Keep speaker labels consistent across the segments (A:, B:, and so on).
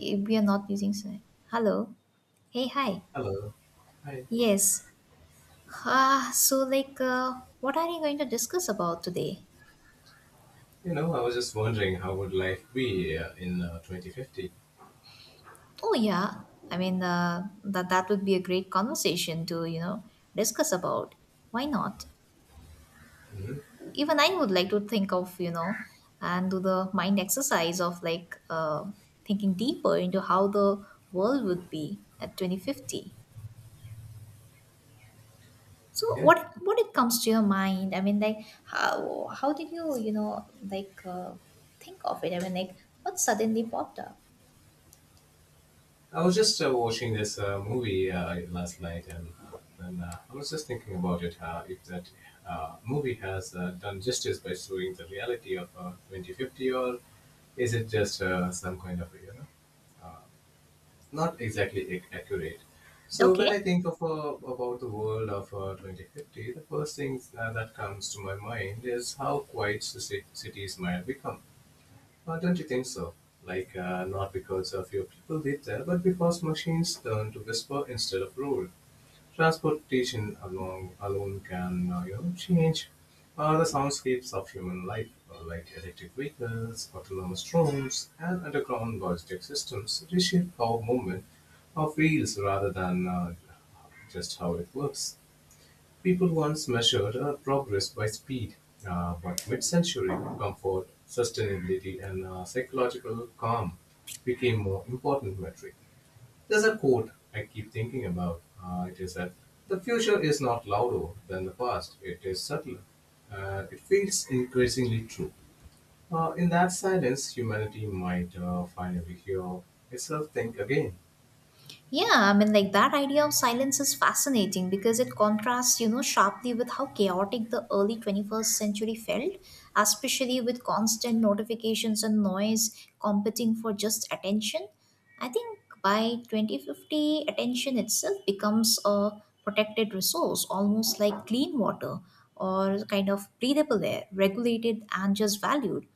A: We are not using sign. Hello. Hey, hi.
B: Hello. Hi.
A: Yes. So what are you going to discuss about today?
B: You know, I was just wondering how would life be in 2050?
A: Oh yeah. I mean, that would be a great conversation to discuss about. Why not? Even I would like to think of and do the mind exercise of like thinking deeper into how the world would be at 2050. So
B: Yeah.
A: what it comes to your mind? I mean, like how did you you know like think of it? I mean, like what suddenly popped up?
B: I was just watching this movie last night and I was just thinking about it, if that movie has done justice by showing the reality of 2050 or is it just some kind of, you know, not exactly accurate. So when
A: Okay.
B: I think of about the world of 2050, the first thing that comes to my mind is how quiet the cities might become. Don't you think so? Like, not because a few people live there, but because machines learn to whisper instead of rule. Alone can, you know, change the soundscapes of human life, like electric vehicles, autonomous drones, and underground logistic systems reshape how movement feels rather than just how it works. People once measured progress by speed, but mid-century, comfort, sustainability, and psychological calm became more important metric. There's a quote I keep thinking about. It is that the future is not louder than the past; it is subtler. It feels increasingly true. In that silence, humanity might finally hear itself think again.
A: Yeah, I mean, like that idea of silence is fascinating because it contrasts, sharply with how chaotic the early 21st century felt, especially with constant notifications and noise competing for just attention. I think by 2050, attention itself becomes a protected resource, almost like clean water or kind of breathable air, regulated and just valued.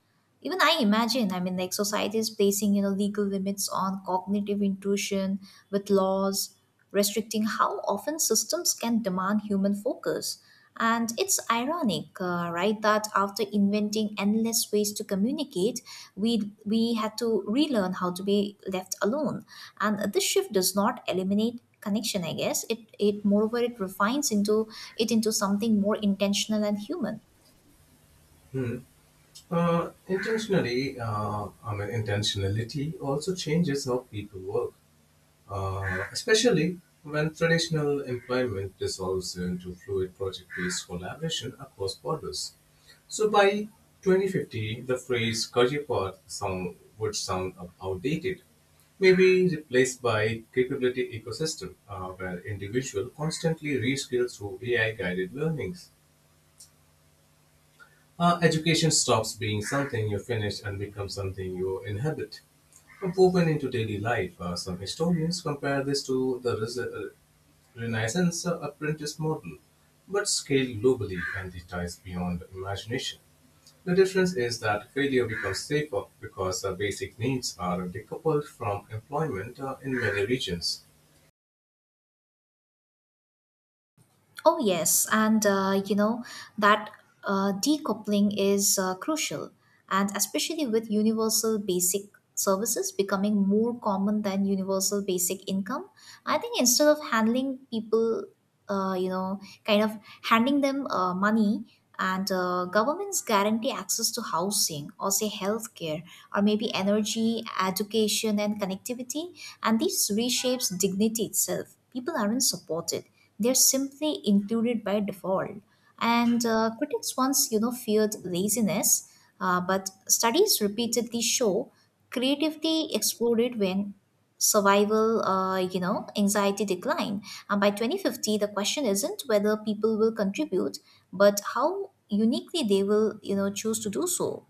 A: Even I imagine, I mean, like society is placing legal limits on cognitive intrusion with laws restricting how often systems can demand human focus. And it's ironic, right, that after inventing endless ways to communicate, we had to relearn how to be left alone. And this shift does not eliminate connection, I guess. It moreover it refines into it into something more intentional and human.
B: Intentionally, I mean, intentionality also changes how people work, especially when traditional employment dissolves into fluid project based collaboration across borders. So by 2050, the phrase career path would sound outdated, maybe replaced by capability ecosystem, where individual constantly reskill through AI guided learnings. Education stops being something you finish and becomes something you inhabit, woven into daily life. Some historians compare this to the Renaissance apprentice model, but scaled globally and the ties beyond imagination. The difference is that failure becomes safer because basic needs are decoupled from employment in many regions.
A: Oh, yes. And, that decoupling is crucial, and especially with universal basic services becoming more common than universal basic income. I think instead of handling people, kind of handing them money, and governments guarantee access to housing or say healthcare or maybe energy, education, and connectivity. And this reshapes dignity itself. People aren't supported, they're simply included by default. And critics once, feared laziness, but studies repeatedly show creativity exploded when survival, anxiety declined. And by 2050, the question isn't whether people will contribute, but how uniquely they will, choose to do so.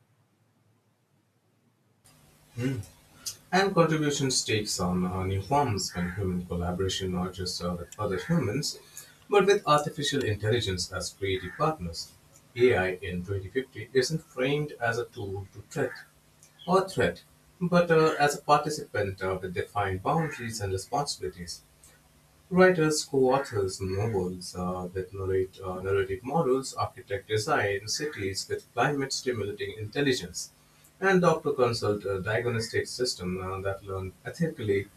B: And contributions takes on new forms when human collaboration not just with other humans, but with artificial intelligence as creative partners. AI in 2050 isn't framed as a tool to threat, but as a participant with defined boundaries and responsibilities. Writers co-authors novels that narrate narrative models, architect design cities with climate-stimulating intelligence, and doctor consult a diagnostic system that learn ethically.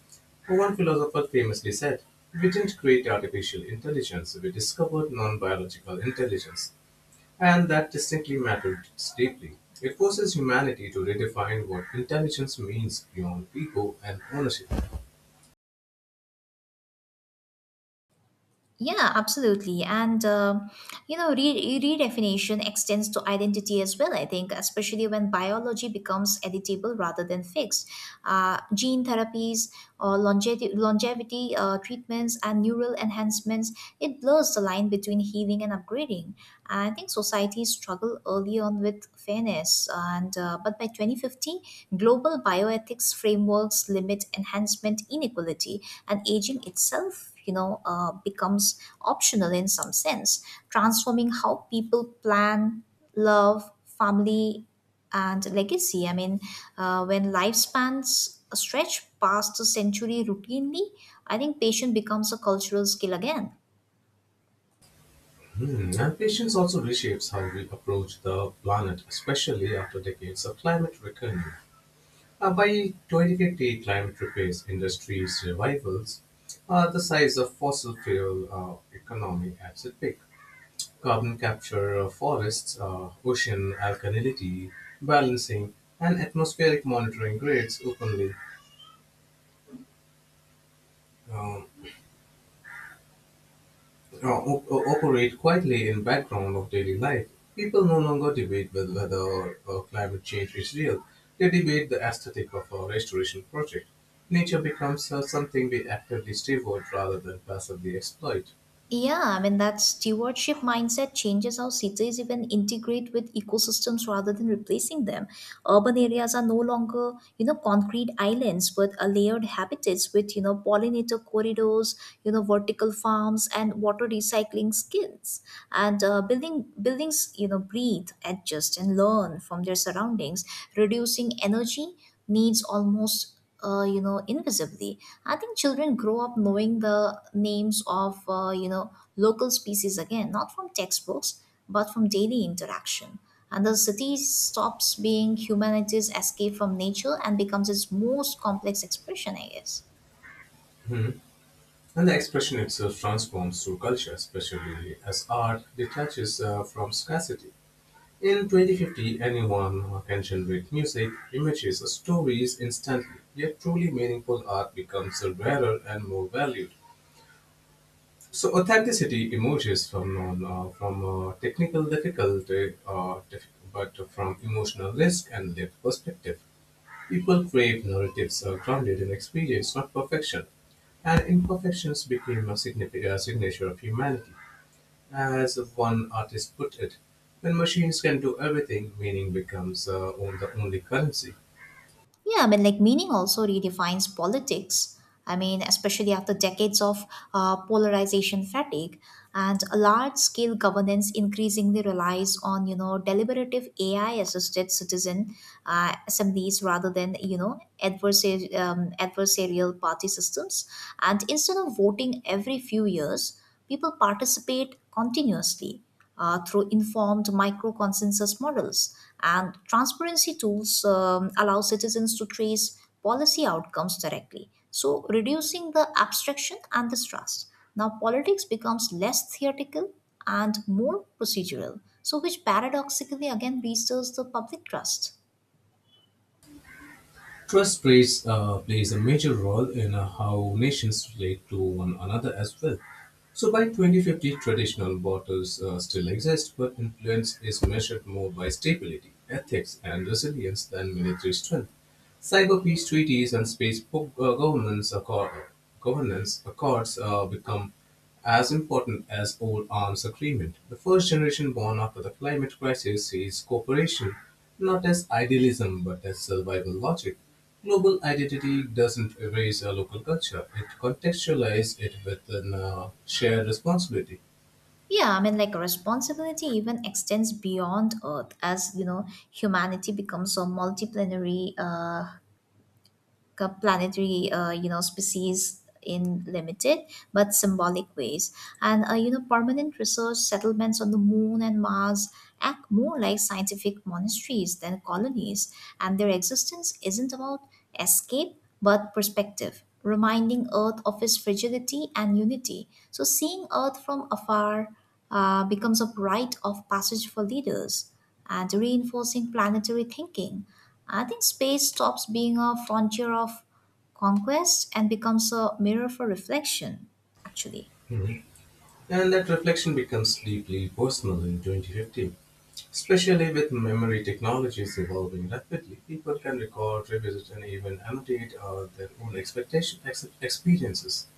B: One philosopher famously said, "We didn't create artificial intelligence; we discovered non-biological intelligence," and that distinctly mattered deeply. It forces humanity to redefine what intelligence means beyond ego and ownership.
A: Yeah, absolutely. And, redefinition extends to identity as well, I think, especially when biology becomes editable rather than fixed. Gene therapies or longevity treatments and neural enhancements, it blurs the line between healing and upgrading. I think societies struggle early on with fairness. But by 2050, global bioethics frameworks limit enhancement inequality, and aging itself, becomes optional in some sense, transforming how people plan, love, family, and legacy. I mean, when lifespans stretch past a century routinely, I think patience becomes a cultural skill again.
B: Hmm. And patience also reshapes how we approach the planet, especially after decades of climate reckoning. By 2050, climate repairs industries' revivals, the size of fossil fuel economy at its peak. Carbon capture, forests, ocean alkalinity, balancing, and atmospheric monitoring grids openly. Um, Operate quietly in background of daily life. People no longer debate with whether climate change is real. They debate the aesthetic of a restoration project. Nature becomes something we actively steward rather than passively exploit.
A: Yeah, I mean, that stewardship mindset changes how cities even integrate with ecosystems rather than replacing them. Urban areas are no longer, concrete islands, but a layered habitats with, pollinator corridors, vertical farms, and water recycling skills. And buildings, breathe, adjust, and learn from their surroundings, reducing energy needs almost, invisibly. I think children grow up knowing the names of, local species again, not from textbooks but from daily interaction. And the city stops being humanity's escape from nature and becomes its most complex expression, I guess.
B: And the expression itself transforms through culture, especially as art detaches from scarcity. In 2050, anyone can generate music, images, or stories instantly, yet truly meaningful art becomes rarer and more valued. So authenticity emerges from technical difficulty, but from emotional risk and lived perspective. People crave narratives grounded in experience, not perfection. And imperfections became a significant signature of humanity. As one artist put it, when machines can do everything, meaning becomes on the only currency.
A: Yeah, I mean, like meaning also redefines politics. I mean, especially after decades of polarization fatigue, and large-scale governance increasingly relies on, deliberative AI-assisted citizen assemblies rather than, adversarial party systems. And instead of voting every few years, people participate continuously through informed micro consensus models, and transparency tools, allow citizens to trace policy outcomes directly, so reducing the abstraction and distrust. Now politics becomes less theoretical and more procedural, so which paradoxically again restores the public trust.
B: Trust plays a major role in how nations relate to one another as well. So by 2050, traditional bottles still exist, but influence is measured more by stability, ethics, and resilience than military strength. Cyber-peace treaties and space po- governance, accor- governance accords become as important as old arms agreement. The first generation born after the climate crisis sees cooperation not as idealism but as survival logic. Global identity doesn't erase a local culture; it contextualizes it with a shared responsibility.
A: Yeah, I mean, like responsibility even extends beyond Earth, as humanity becomes a multiplanetary a planetary, species in limited but symbolic ways. And permanent research settlements on the Moon and Mars act more like scientific monasteries than colonies, and their existence isn't about escape but perspective, reminding Earth of its fragility and unity. So seeing Earth from afar becomes a rite of passage for leaders and reinforcing planetary thinking. I think space stops being a frontier of conquest and becomes a mirror for reflection, actually.
B: Mhm. And that reflection becomes deeply personal in 2015, especially with memory technologies evolving rapidly. People can record, revisit, and even annotate their own expectation, ex- experiences,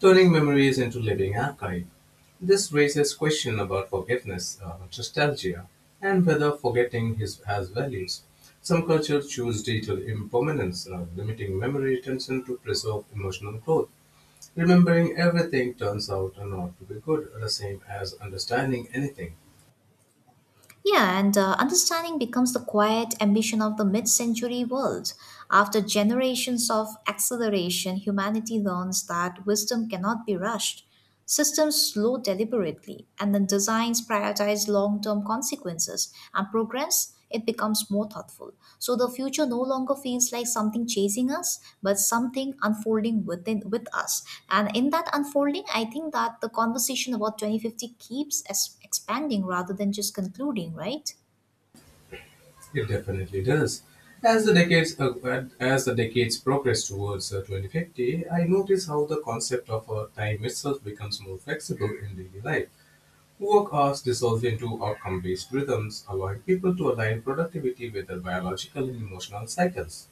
B: turning memories into living archive. This raises question about forgiveness, nostalgia, and whether has values. Some cultures choose digital impermanence, limiting memory retention to preserve emotional growth. Remembering everything turns out not to be good, the same as understanding anything.
A: Yeah, and understanding becomes the quiet ambition of the mid century world. After generations of acceleration, humanity learns that wisdom cannot be rushed. Systems slow deliberately, and then designs prioritize long term consequences, and progress. It becomes more thoughtful. So the future no longer feels like something chasing us, but something unfolding within with us. And in that unfolding, I think that the conversation about 2050 keeps expanding rather than just concluding, right?
B: It definitely does. As the decades progress towards 2050, I notice how the concept of time itself becomes more flexible in daily life. Work hours dissolve into outcome based rhythms, allowing people to align productivity with their biological and emotional cycles.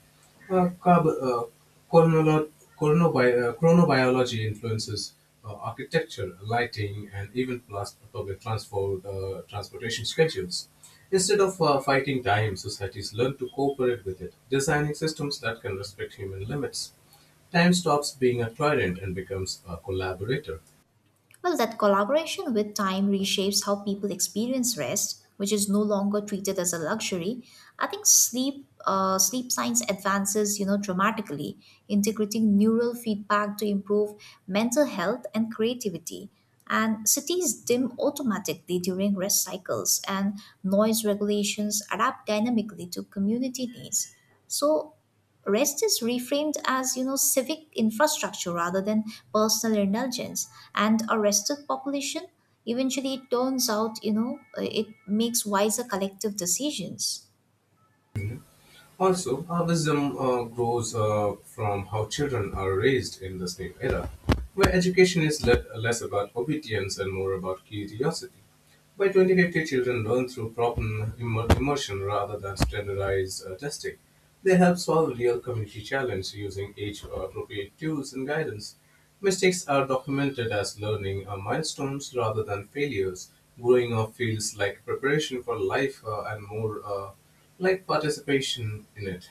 B: Uh, carb, uh, chronolo- Chronobiology influences architecture, lighting, and even plus public transportation schedules. Instead of fighting time, societies learn to cooperate with it, designing systems that can respect human limits. Time stops being a tyrant and becomes a collaborator.
A: Well, that collaboration with time reshapes how people experience rest, which is no longer treated as a luxury. I think sleep science advances, dramatically, integrating neural feedback to improve mental health and creativity. And cities dim automatically during rest cycles, and noise regulations adapt dynamically to community needs. So rest is reframed as, civic infrastructure rather than personal indulgence, and a rested population, eventually it turns out, it makes wiser collective decisions.
B: Also, our wisdom grows from how children are raised in the same era, where education is less about obedience and more about curiosity. By 2050, children learn through problem immersion rather than standardized testing. They help solve real community challenges using age appropriate tools and guidance. Mistakes are documented as learning milestones rather than failures. Growing up feels like preparation for life and more like participation in it.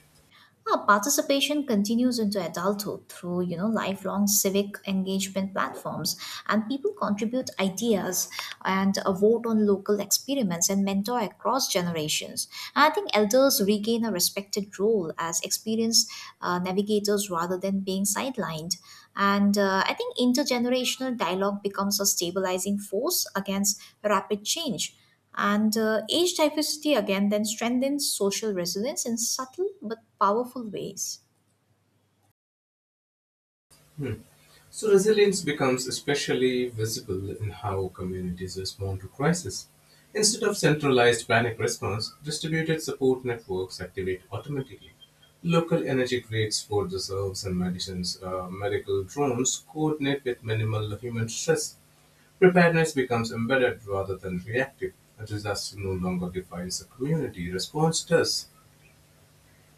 A: Well, participation continues into adulthood through, lifelong civic engagement platforms, and people contribute ideas and vote on local experiments and mentor across generations. And I think elders regain a respected role as experienced navigators rather than being sidelined. And I think intergenerational dialogue becomes a stabilizing force against rapid change. And age diversity again then strengthens social resilience in subtle but powerful ways.
B: Hmm. So resilience becomes especially visible in how communities respond to crisis. Instead of centralized panic response, distributed support networks activate automatically. Local energy grids, food reserves, and medical drones coordinate with minimal human stress. Preparedness becomes embedded rather than reactive. A disaster no longer defines a community. Response does.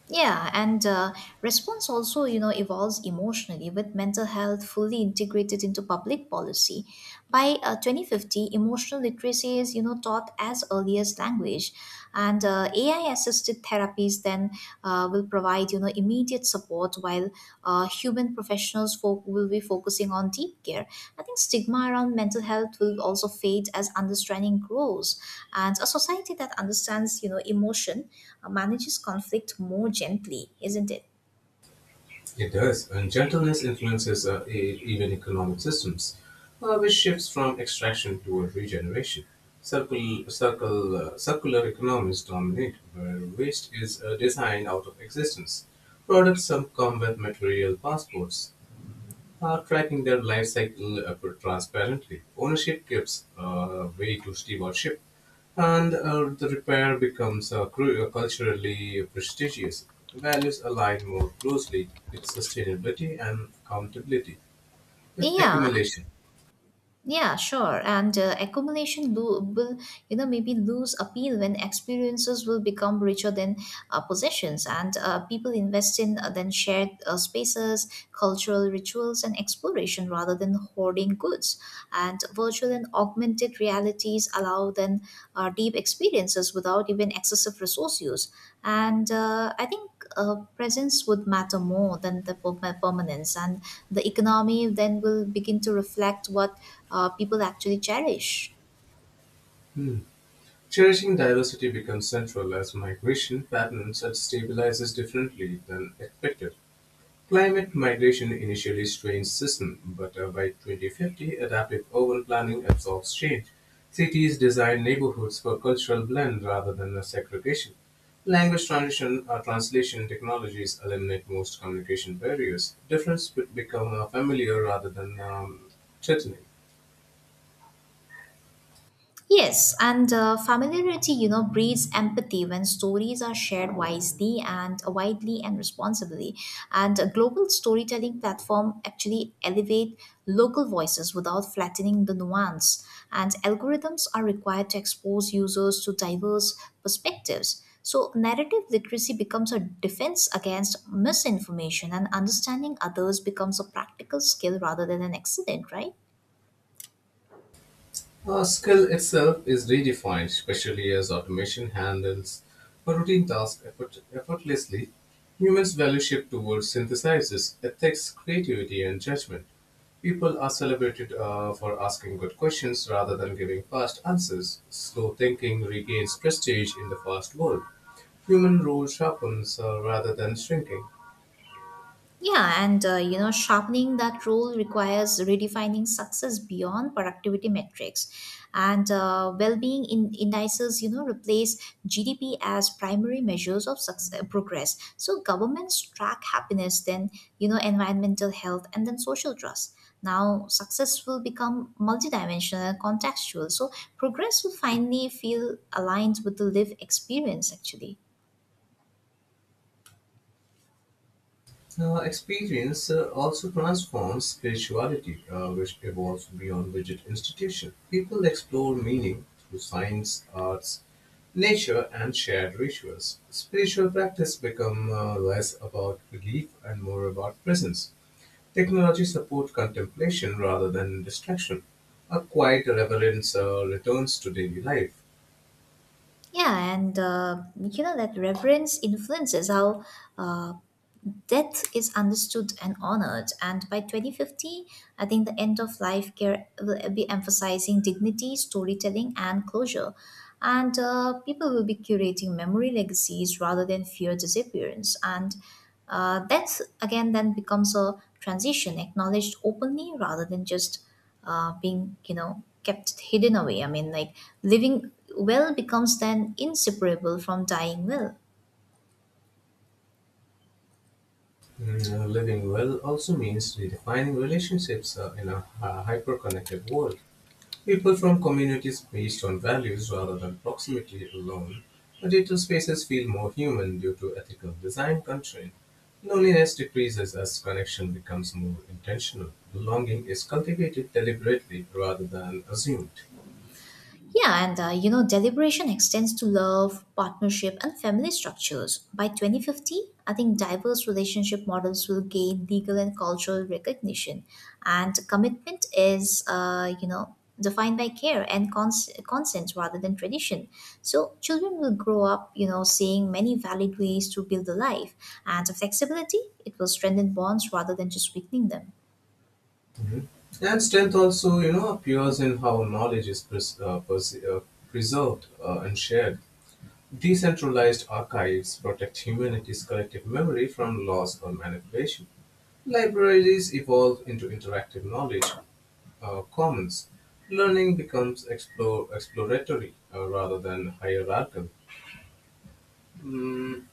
A: Yeah, and response also, evolves emotionally, with mental health fully integrated into public policy. By 2050, emotional literacy is, taught as early as language, and AI-assisted therapies then will provide immediate support, while human professionals will be focusing on deep care. I think stigma around mental health will also fade as understanding grows, and a society that understands, emotion, manages conflict more gently, isn't it?
B: It does, and gentleness influences even economic systems, which shifts from extraction toward regeneration. Circular economies dominate, where waste is designed out of existence. Products some come with material passports, are tracking their life cycle transparently. Ownership gives way to stewardship, and the repair becomes culturally prestigious. Values align more closely with sustainability and accountability with
A: Yeah.
B: accumulation.
A: Yeah, sure. And accumulation will, maybe lose appeal when experiences will become richer than possessions, and people invest in, then shared spaces, cultural rituals, and exploration rather than hoarding goods. And virtual and augmented realities allow then deep experiences without even excessive resource use. And I think presence would matter more than the permanence, and the economy then will begin to reflect what people actually cherish.
B: Cherishing diversity becomes central as migration patterns are stabilizes differently than expected. Climate migration initially strains systems, but by 2050, adaptive urban planning absorbs change. Cities design neighborhoods for cultural blend rather than segregation. Language transition or translation technologies eliminate most communication barriers. Difference would become familiar rather than threatening.
A: Yes, and familiarity, breeds empathy when stories are shared wisely and widely and responsibly. And a global storytelling platform actually elevate local voices without flattening the nuance. And algorithms are required to expose users to diverse perspectives. So narrative literacy becomes a defense against misinformation, and understanding others becomes a practical skill rather than an accident, right?
B: Skill itself is redefined, especially as automation handles routine tasks effortlessly. Humans value shift towards synthesizers, ethics, creativity, and judgment. People are celebrated for asking good questions rather than giving fast answers. Slow thinking regains prestige in the fast world. Human role sharpens rather than shrinking.
A: Yeah, and sharpening that rule requires redefining success beyond productivity metrics, and well-being in indices. Replace GDP as primary measures of success, progress. So governments track happiness, then, environmental health, and then social trust. Now, success will become multidimensional and contextual. So progress will finally feel aligned with the lived experience, actually.
B: The experience also transforms spirituality, which evolves beyond rigid institution. People explore meaning through science, arts, nature, and shared rituals. Spiritual practice become less about belief and more about presence. Technology support contemplation rather than distraction. A quiet reverence returns to daily life.
A: Yeah, and that reverence influences how uh, death is understood and honored. And by 2050, I think the end of life care will be emphasizing dignity, storytelling, and closure. And people will be curating memory legacies rather than fear disappearance. And that again then becomes a transition acknowledged openly rather than just being, kept hidden away. I mean, like, living well becomes then inseparable from dying well.
B: Living well also means redefining relationships in a hyper connected world. People from communities based on values rather than proximity alone, digital spaces feel more human due to ethical design constraint. Loneliness decreases as connection becomes more intentional. Belonging is cultivated deliberately rather than assumed.
A: Yeah, and deliberation extends to love, partnership, and family structures. By 2050, I think diverse relationship models will gain legal and cultural recognition. And commitment is, defined by care and consent rather than tradition. So children will grow up, seeing many valid ways to build a life. And the flexibility, it will strengthen bonds rather than just weakening them.
B: And strength also, you know, appears in how knowledge is preserved and shared. Decentralized archives protect humanity's collective memory from loss or manipulation. Libraries evolve into interactive knowledge commons. Learning becomes exploratory rather than hierarchical. Mm,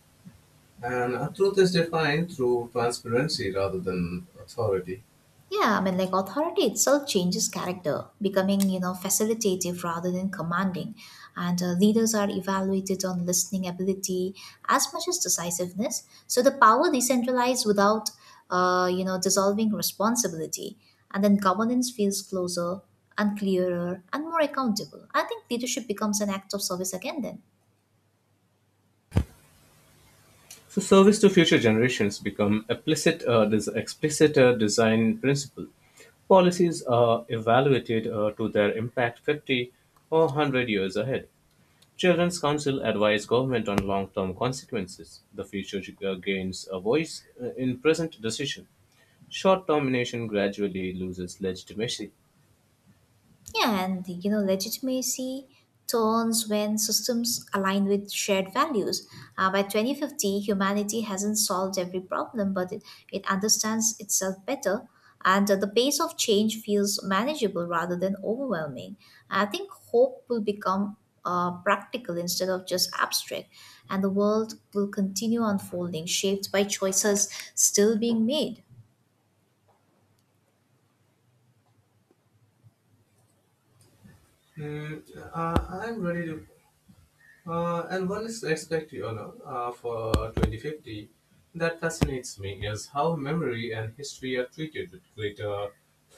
B: and truth is defined through transparency rather than authority.
A: Yeah, I mean, like authority itself changes character, becoming, facilitative rather than commanding. And leaders are evaluated on listening ability as much as decisiveness. So the power decentralized without, dissolving responsibility. And then governance feels closer and clearer and more accountable. I think leadership becomes an act of service again then.
B: So, service to future generations become this explicit design principle. Policies are evaluated to their impact 50 or 100 years ahead. Children's Council advise government on long-term consequences; the future gains a voice in present decision; short-term nation gradually loses legitimacy.
A: Yeah, and legitimacy turns when systems align with shared values. By 2050, humanity hasn't solved every problem, but it understands itself better, and the pace of change feels manageable rather than overwhelming. I think hope will become practical instead of just abstract, and the world will continue unfolding, shaped by choices still being made.
B: Mm, I'm ready to and one aspect, you know, for 2050 that fascinates me is how memory and history are treated with greater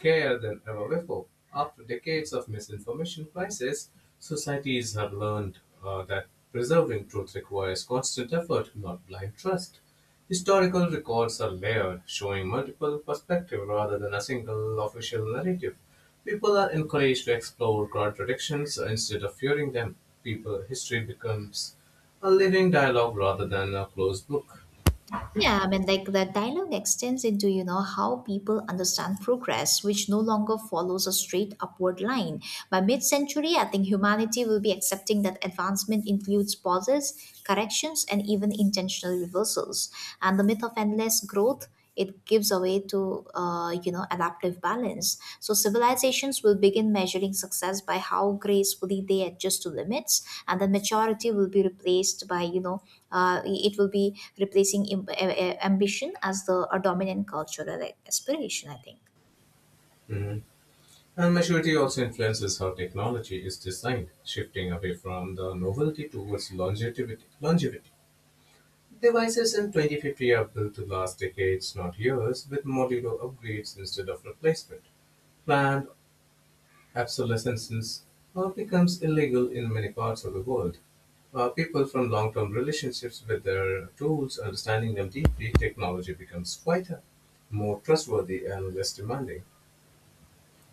B: care than ever before. After decades of misinformation crisis, societies have learned that preserving truth requires constant effort, not blind trust. Historical records are layered, showing multiple perspectives rather than a single official narrative. People are encouraged to explore contradictions so instead of fearing them. People history becomes a living dialogue rather than a closed book.
A: Yeah, I mean, like the dialogue extends into, how people understand progress, which no longer follows a straight upward line. By mid century, I think humanity will be accepting that advancement includes pauses, corrections, and even intentional reversals. And the myth of endless growth it gives away to adaptive balance, so civilizations will begin measuring success by how gracefully they adjust to limits, and then maturity will be replaced by it will be replacing ambition as the a dominant cultural, like, aspiration, I think.
B: Mhm. And maturity also influences how technology is designed, shifting away from the novelty towards longevity. Devices in 2050 are built to last decades, not years, with modular upgrades instead of replacement. Planned absolescence becomes illegal in many parts of the world. People from long term relationships with their tools, understanding them deeply, technology becomes quieter, more trustworthy, and less demanding.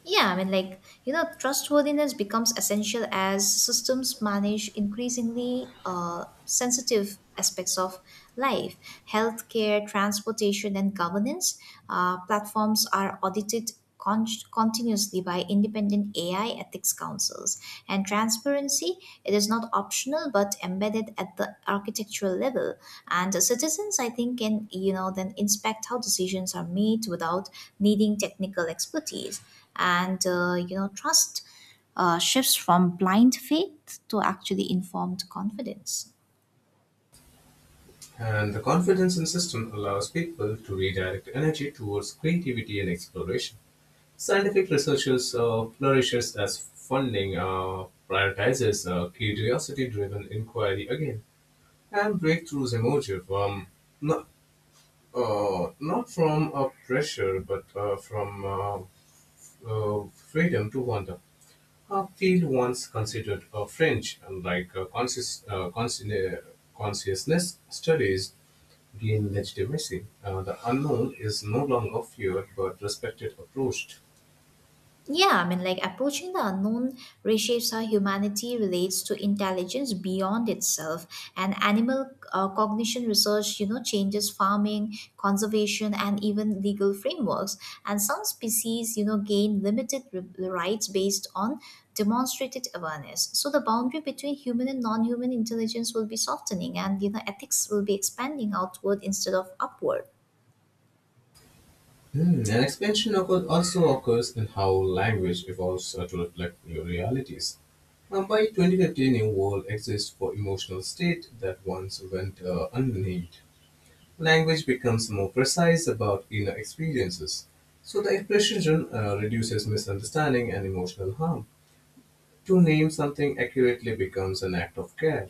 A: Yeah, I mean, like, trustworthiness becomes essential as systems manage increasingly sensitive aspects of life, healthcare, transportation, and governance. Platforms are audited con- continuously by independent AI ethics councils. And transparency, it is not optional but embedded at the architectural level. And citizens, I think, can, then inspect how decisions are made without needing technical expertise, and trust shifts from blind faith to actually informed confidence.
B: And the confidence in system allows people to redirect energy towards creativity and exploration. Scientific researchers flourishes as funding prioritizes curiosity-driven inquiry again, and breakthroughs emerge from no- not from pressure, but from freedom to wonder. A field once considered French, and like consciousness studies gain legitimacy. The unknown is no longer feared but respected, approached.
A: Yeah, I mean, like approaching the unknown reshapes how humanity relates to intelligence beyond itself. And animal cognition research, changes farming, conservation, and even legal frameworks. And some species, gain limited rights based on demonstrated awareness. So the boundary between human and non human intelligence will be softening, and, ethics will be expanding outward instead of upward.
B: Hmm. An Expansion also occurs in how language evolves to reflect new realities. By 2015, a world exists for emotional state that once went unnamed. Language becomes more precise about inner experiences, so the precision reduces misunderstanding and emotional harm. To name something accurately becomes an act of care,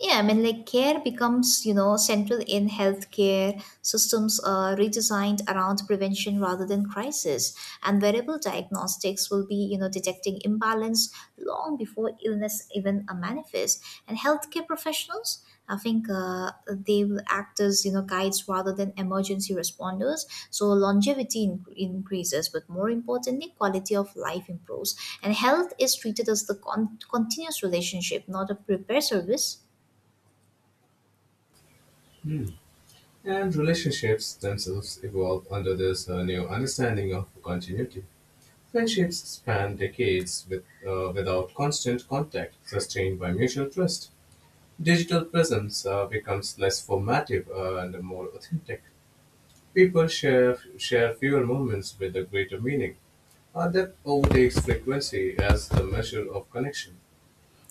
A: Yeah, I mean, like care becomes, central in healthcare. Systems are redesigned around prevention rather than crisis. And wearable diagnostics will be, detecting imbalance long before illness even manifests. And healthcare professionals, I think they will act as, guides rather than emergency responders. So longevity increases, but more importantly, quality of life improves. And health is treated as the continuous relationship, not a repair service.
B: and relationships themselves evolve under this new understanding of continuity. Friendships span decades without constant contact, sustained by mutual trust. Digital presence becomes less formative and more authentic. People share fewer moments with a greater meaning. Depth overtakes frequency as the measure of connection.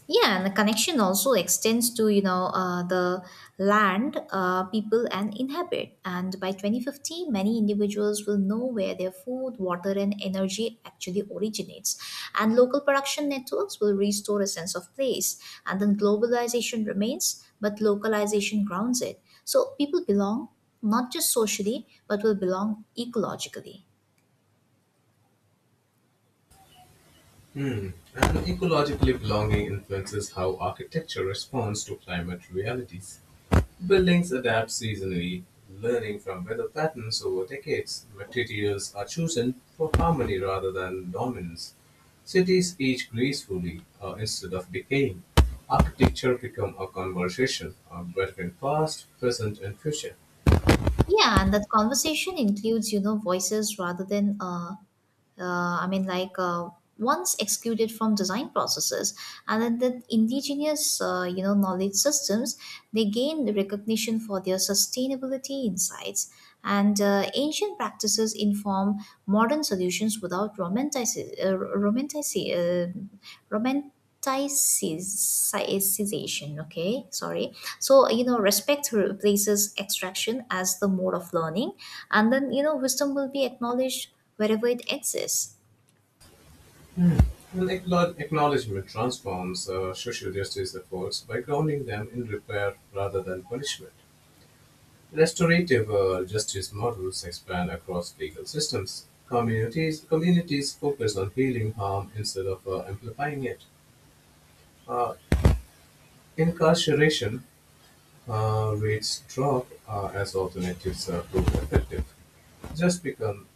A: Yeah, and the connection also extends to the land people and inhabit. And by 2050, many individuals will know where their food, water, and energy actually originates. And local production networks will restore a sense of place. And then globalization remains, but localization grounds it. So people belong not just socially, but will belong ecologically.
B: Hmm. And ecologically belonging influences how architecture responds to climate realities. Buildings adapt seasonally, learning from weather patterns over decades. Materials are chosen for harmony rather than dominance. Cities age gracefully instead of decaying. Architecture become a conversation between past, present, and future.
A: Yeah, and that conversation includes, voices rather than I mean, like once excluded from design processes, and then the indigenous, knowledge systems, they gained recognition for their sustainability insights, and ancient practices inform modern solutions without romanticizing, romanticization. Okay, sorry. So respect replaces extraction as the mode of learning, and then wisdom will be acknowledged wherever it exists.
B: An Acknowledgement transforms social justice efforts by grounding them in repair rather than punishment. Restorative justice models expand across legal systems. Communities focus on healing harm instead of amplifying it. Uh, Incarceration rates drop as alternatives are proved effective. Just become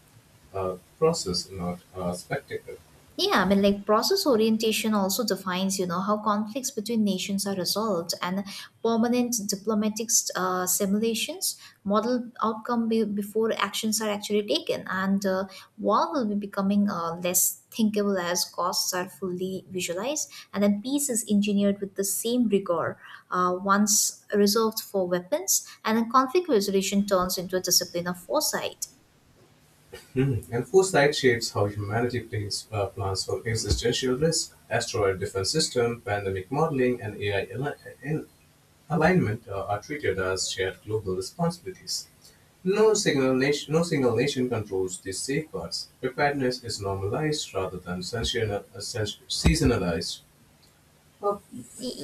B: a process, not a spectacle.
A: Yeah, I mean, like process orientation also defines how conflicts between nations are resolved, and permanent diplomatic simulations model outcome before actions are actually taken, and war will be becoming less thinkable as costs are fully visualized, and then peace is engineered with the same rigor once reserved for weapons, and then conflict resolution turns into a discipline of foresight.
B: Mm. And foresight shapes how humanity plans for existential risk, asteroid defense system, pandemic modeling, and AI al- in- alignment are treated as shared global responsibilities. No single nation controls these safeguards. Preparedness is normalized rather than seasonalized. Uh,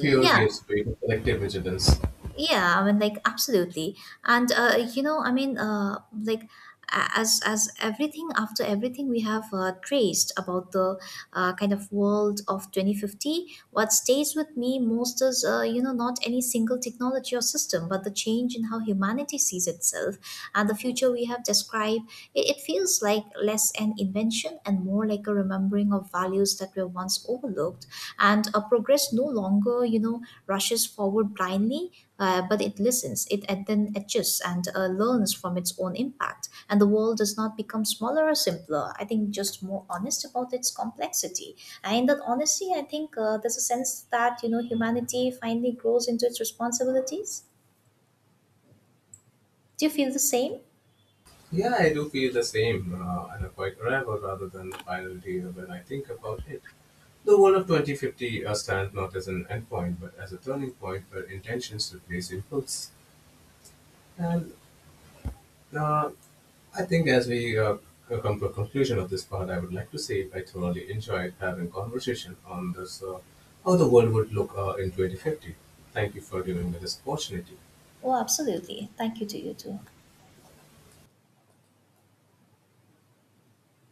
B: Fear gives way to collective vigilance.
A: yeah, I mean, like absolutely, and I mean, like as everything after everything we have traced about the kind of world of 2050, what stays with me most is not any single technology or system, but the change in how humanity sees itself and the future we have described. It feels like less an invention and more like a remembering of values that were once overlooked, and a progress no longer rushes forward blindly, but it listens, it then adjusts and learns from its own impact. And the world does not become smaller or simpler. I think just more honest about its complexity. And in that honesty, I think there's a sense that humanity finally grows into its responsibilities. Do you feel the same?
B: Yeah, I do feel the same and a quite arrival rather than the final deal when I think about it. The World of 2050 stands not as an endpoint, but as a turning point where intentions replace impulse. And uh, I think as we come to a conclusion of this part, I would like to say I thoroughly enjoyed having conversation on this, how the world would look in 2050. Thank you for giving me this opportunity.
A: Oh, absolutely. Thank you to you too.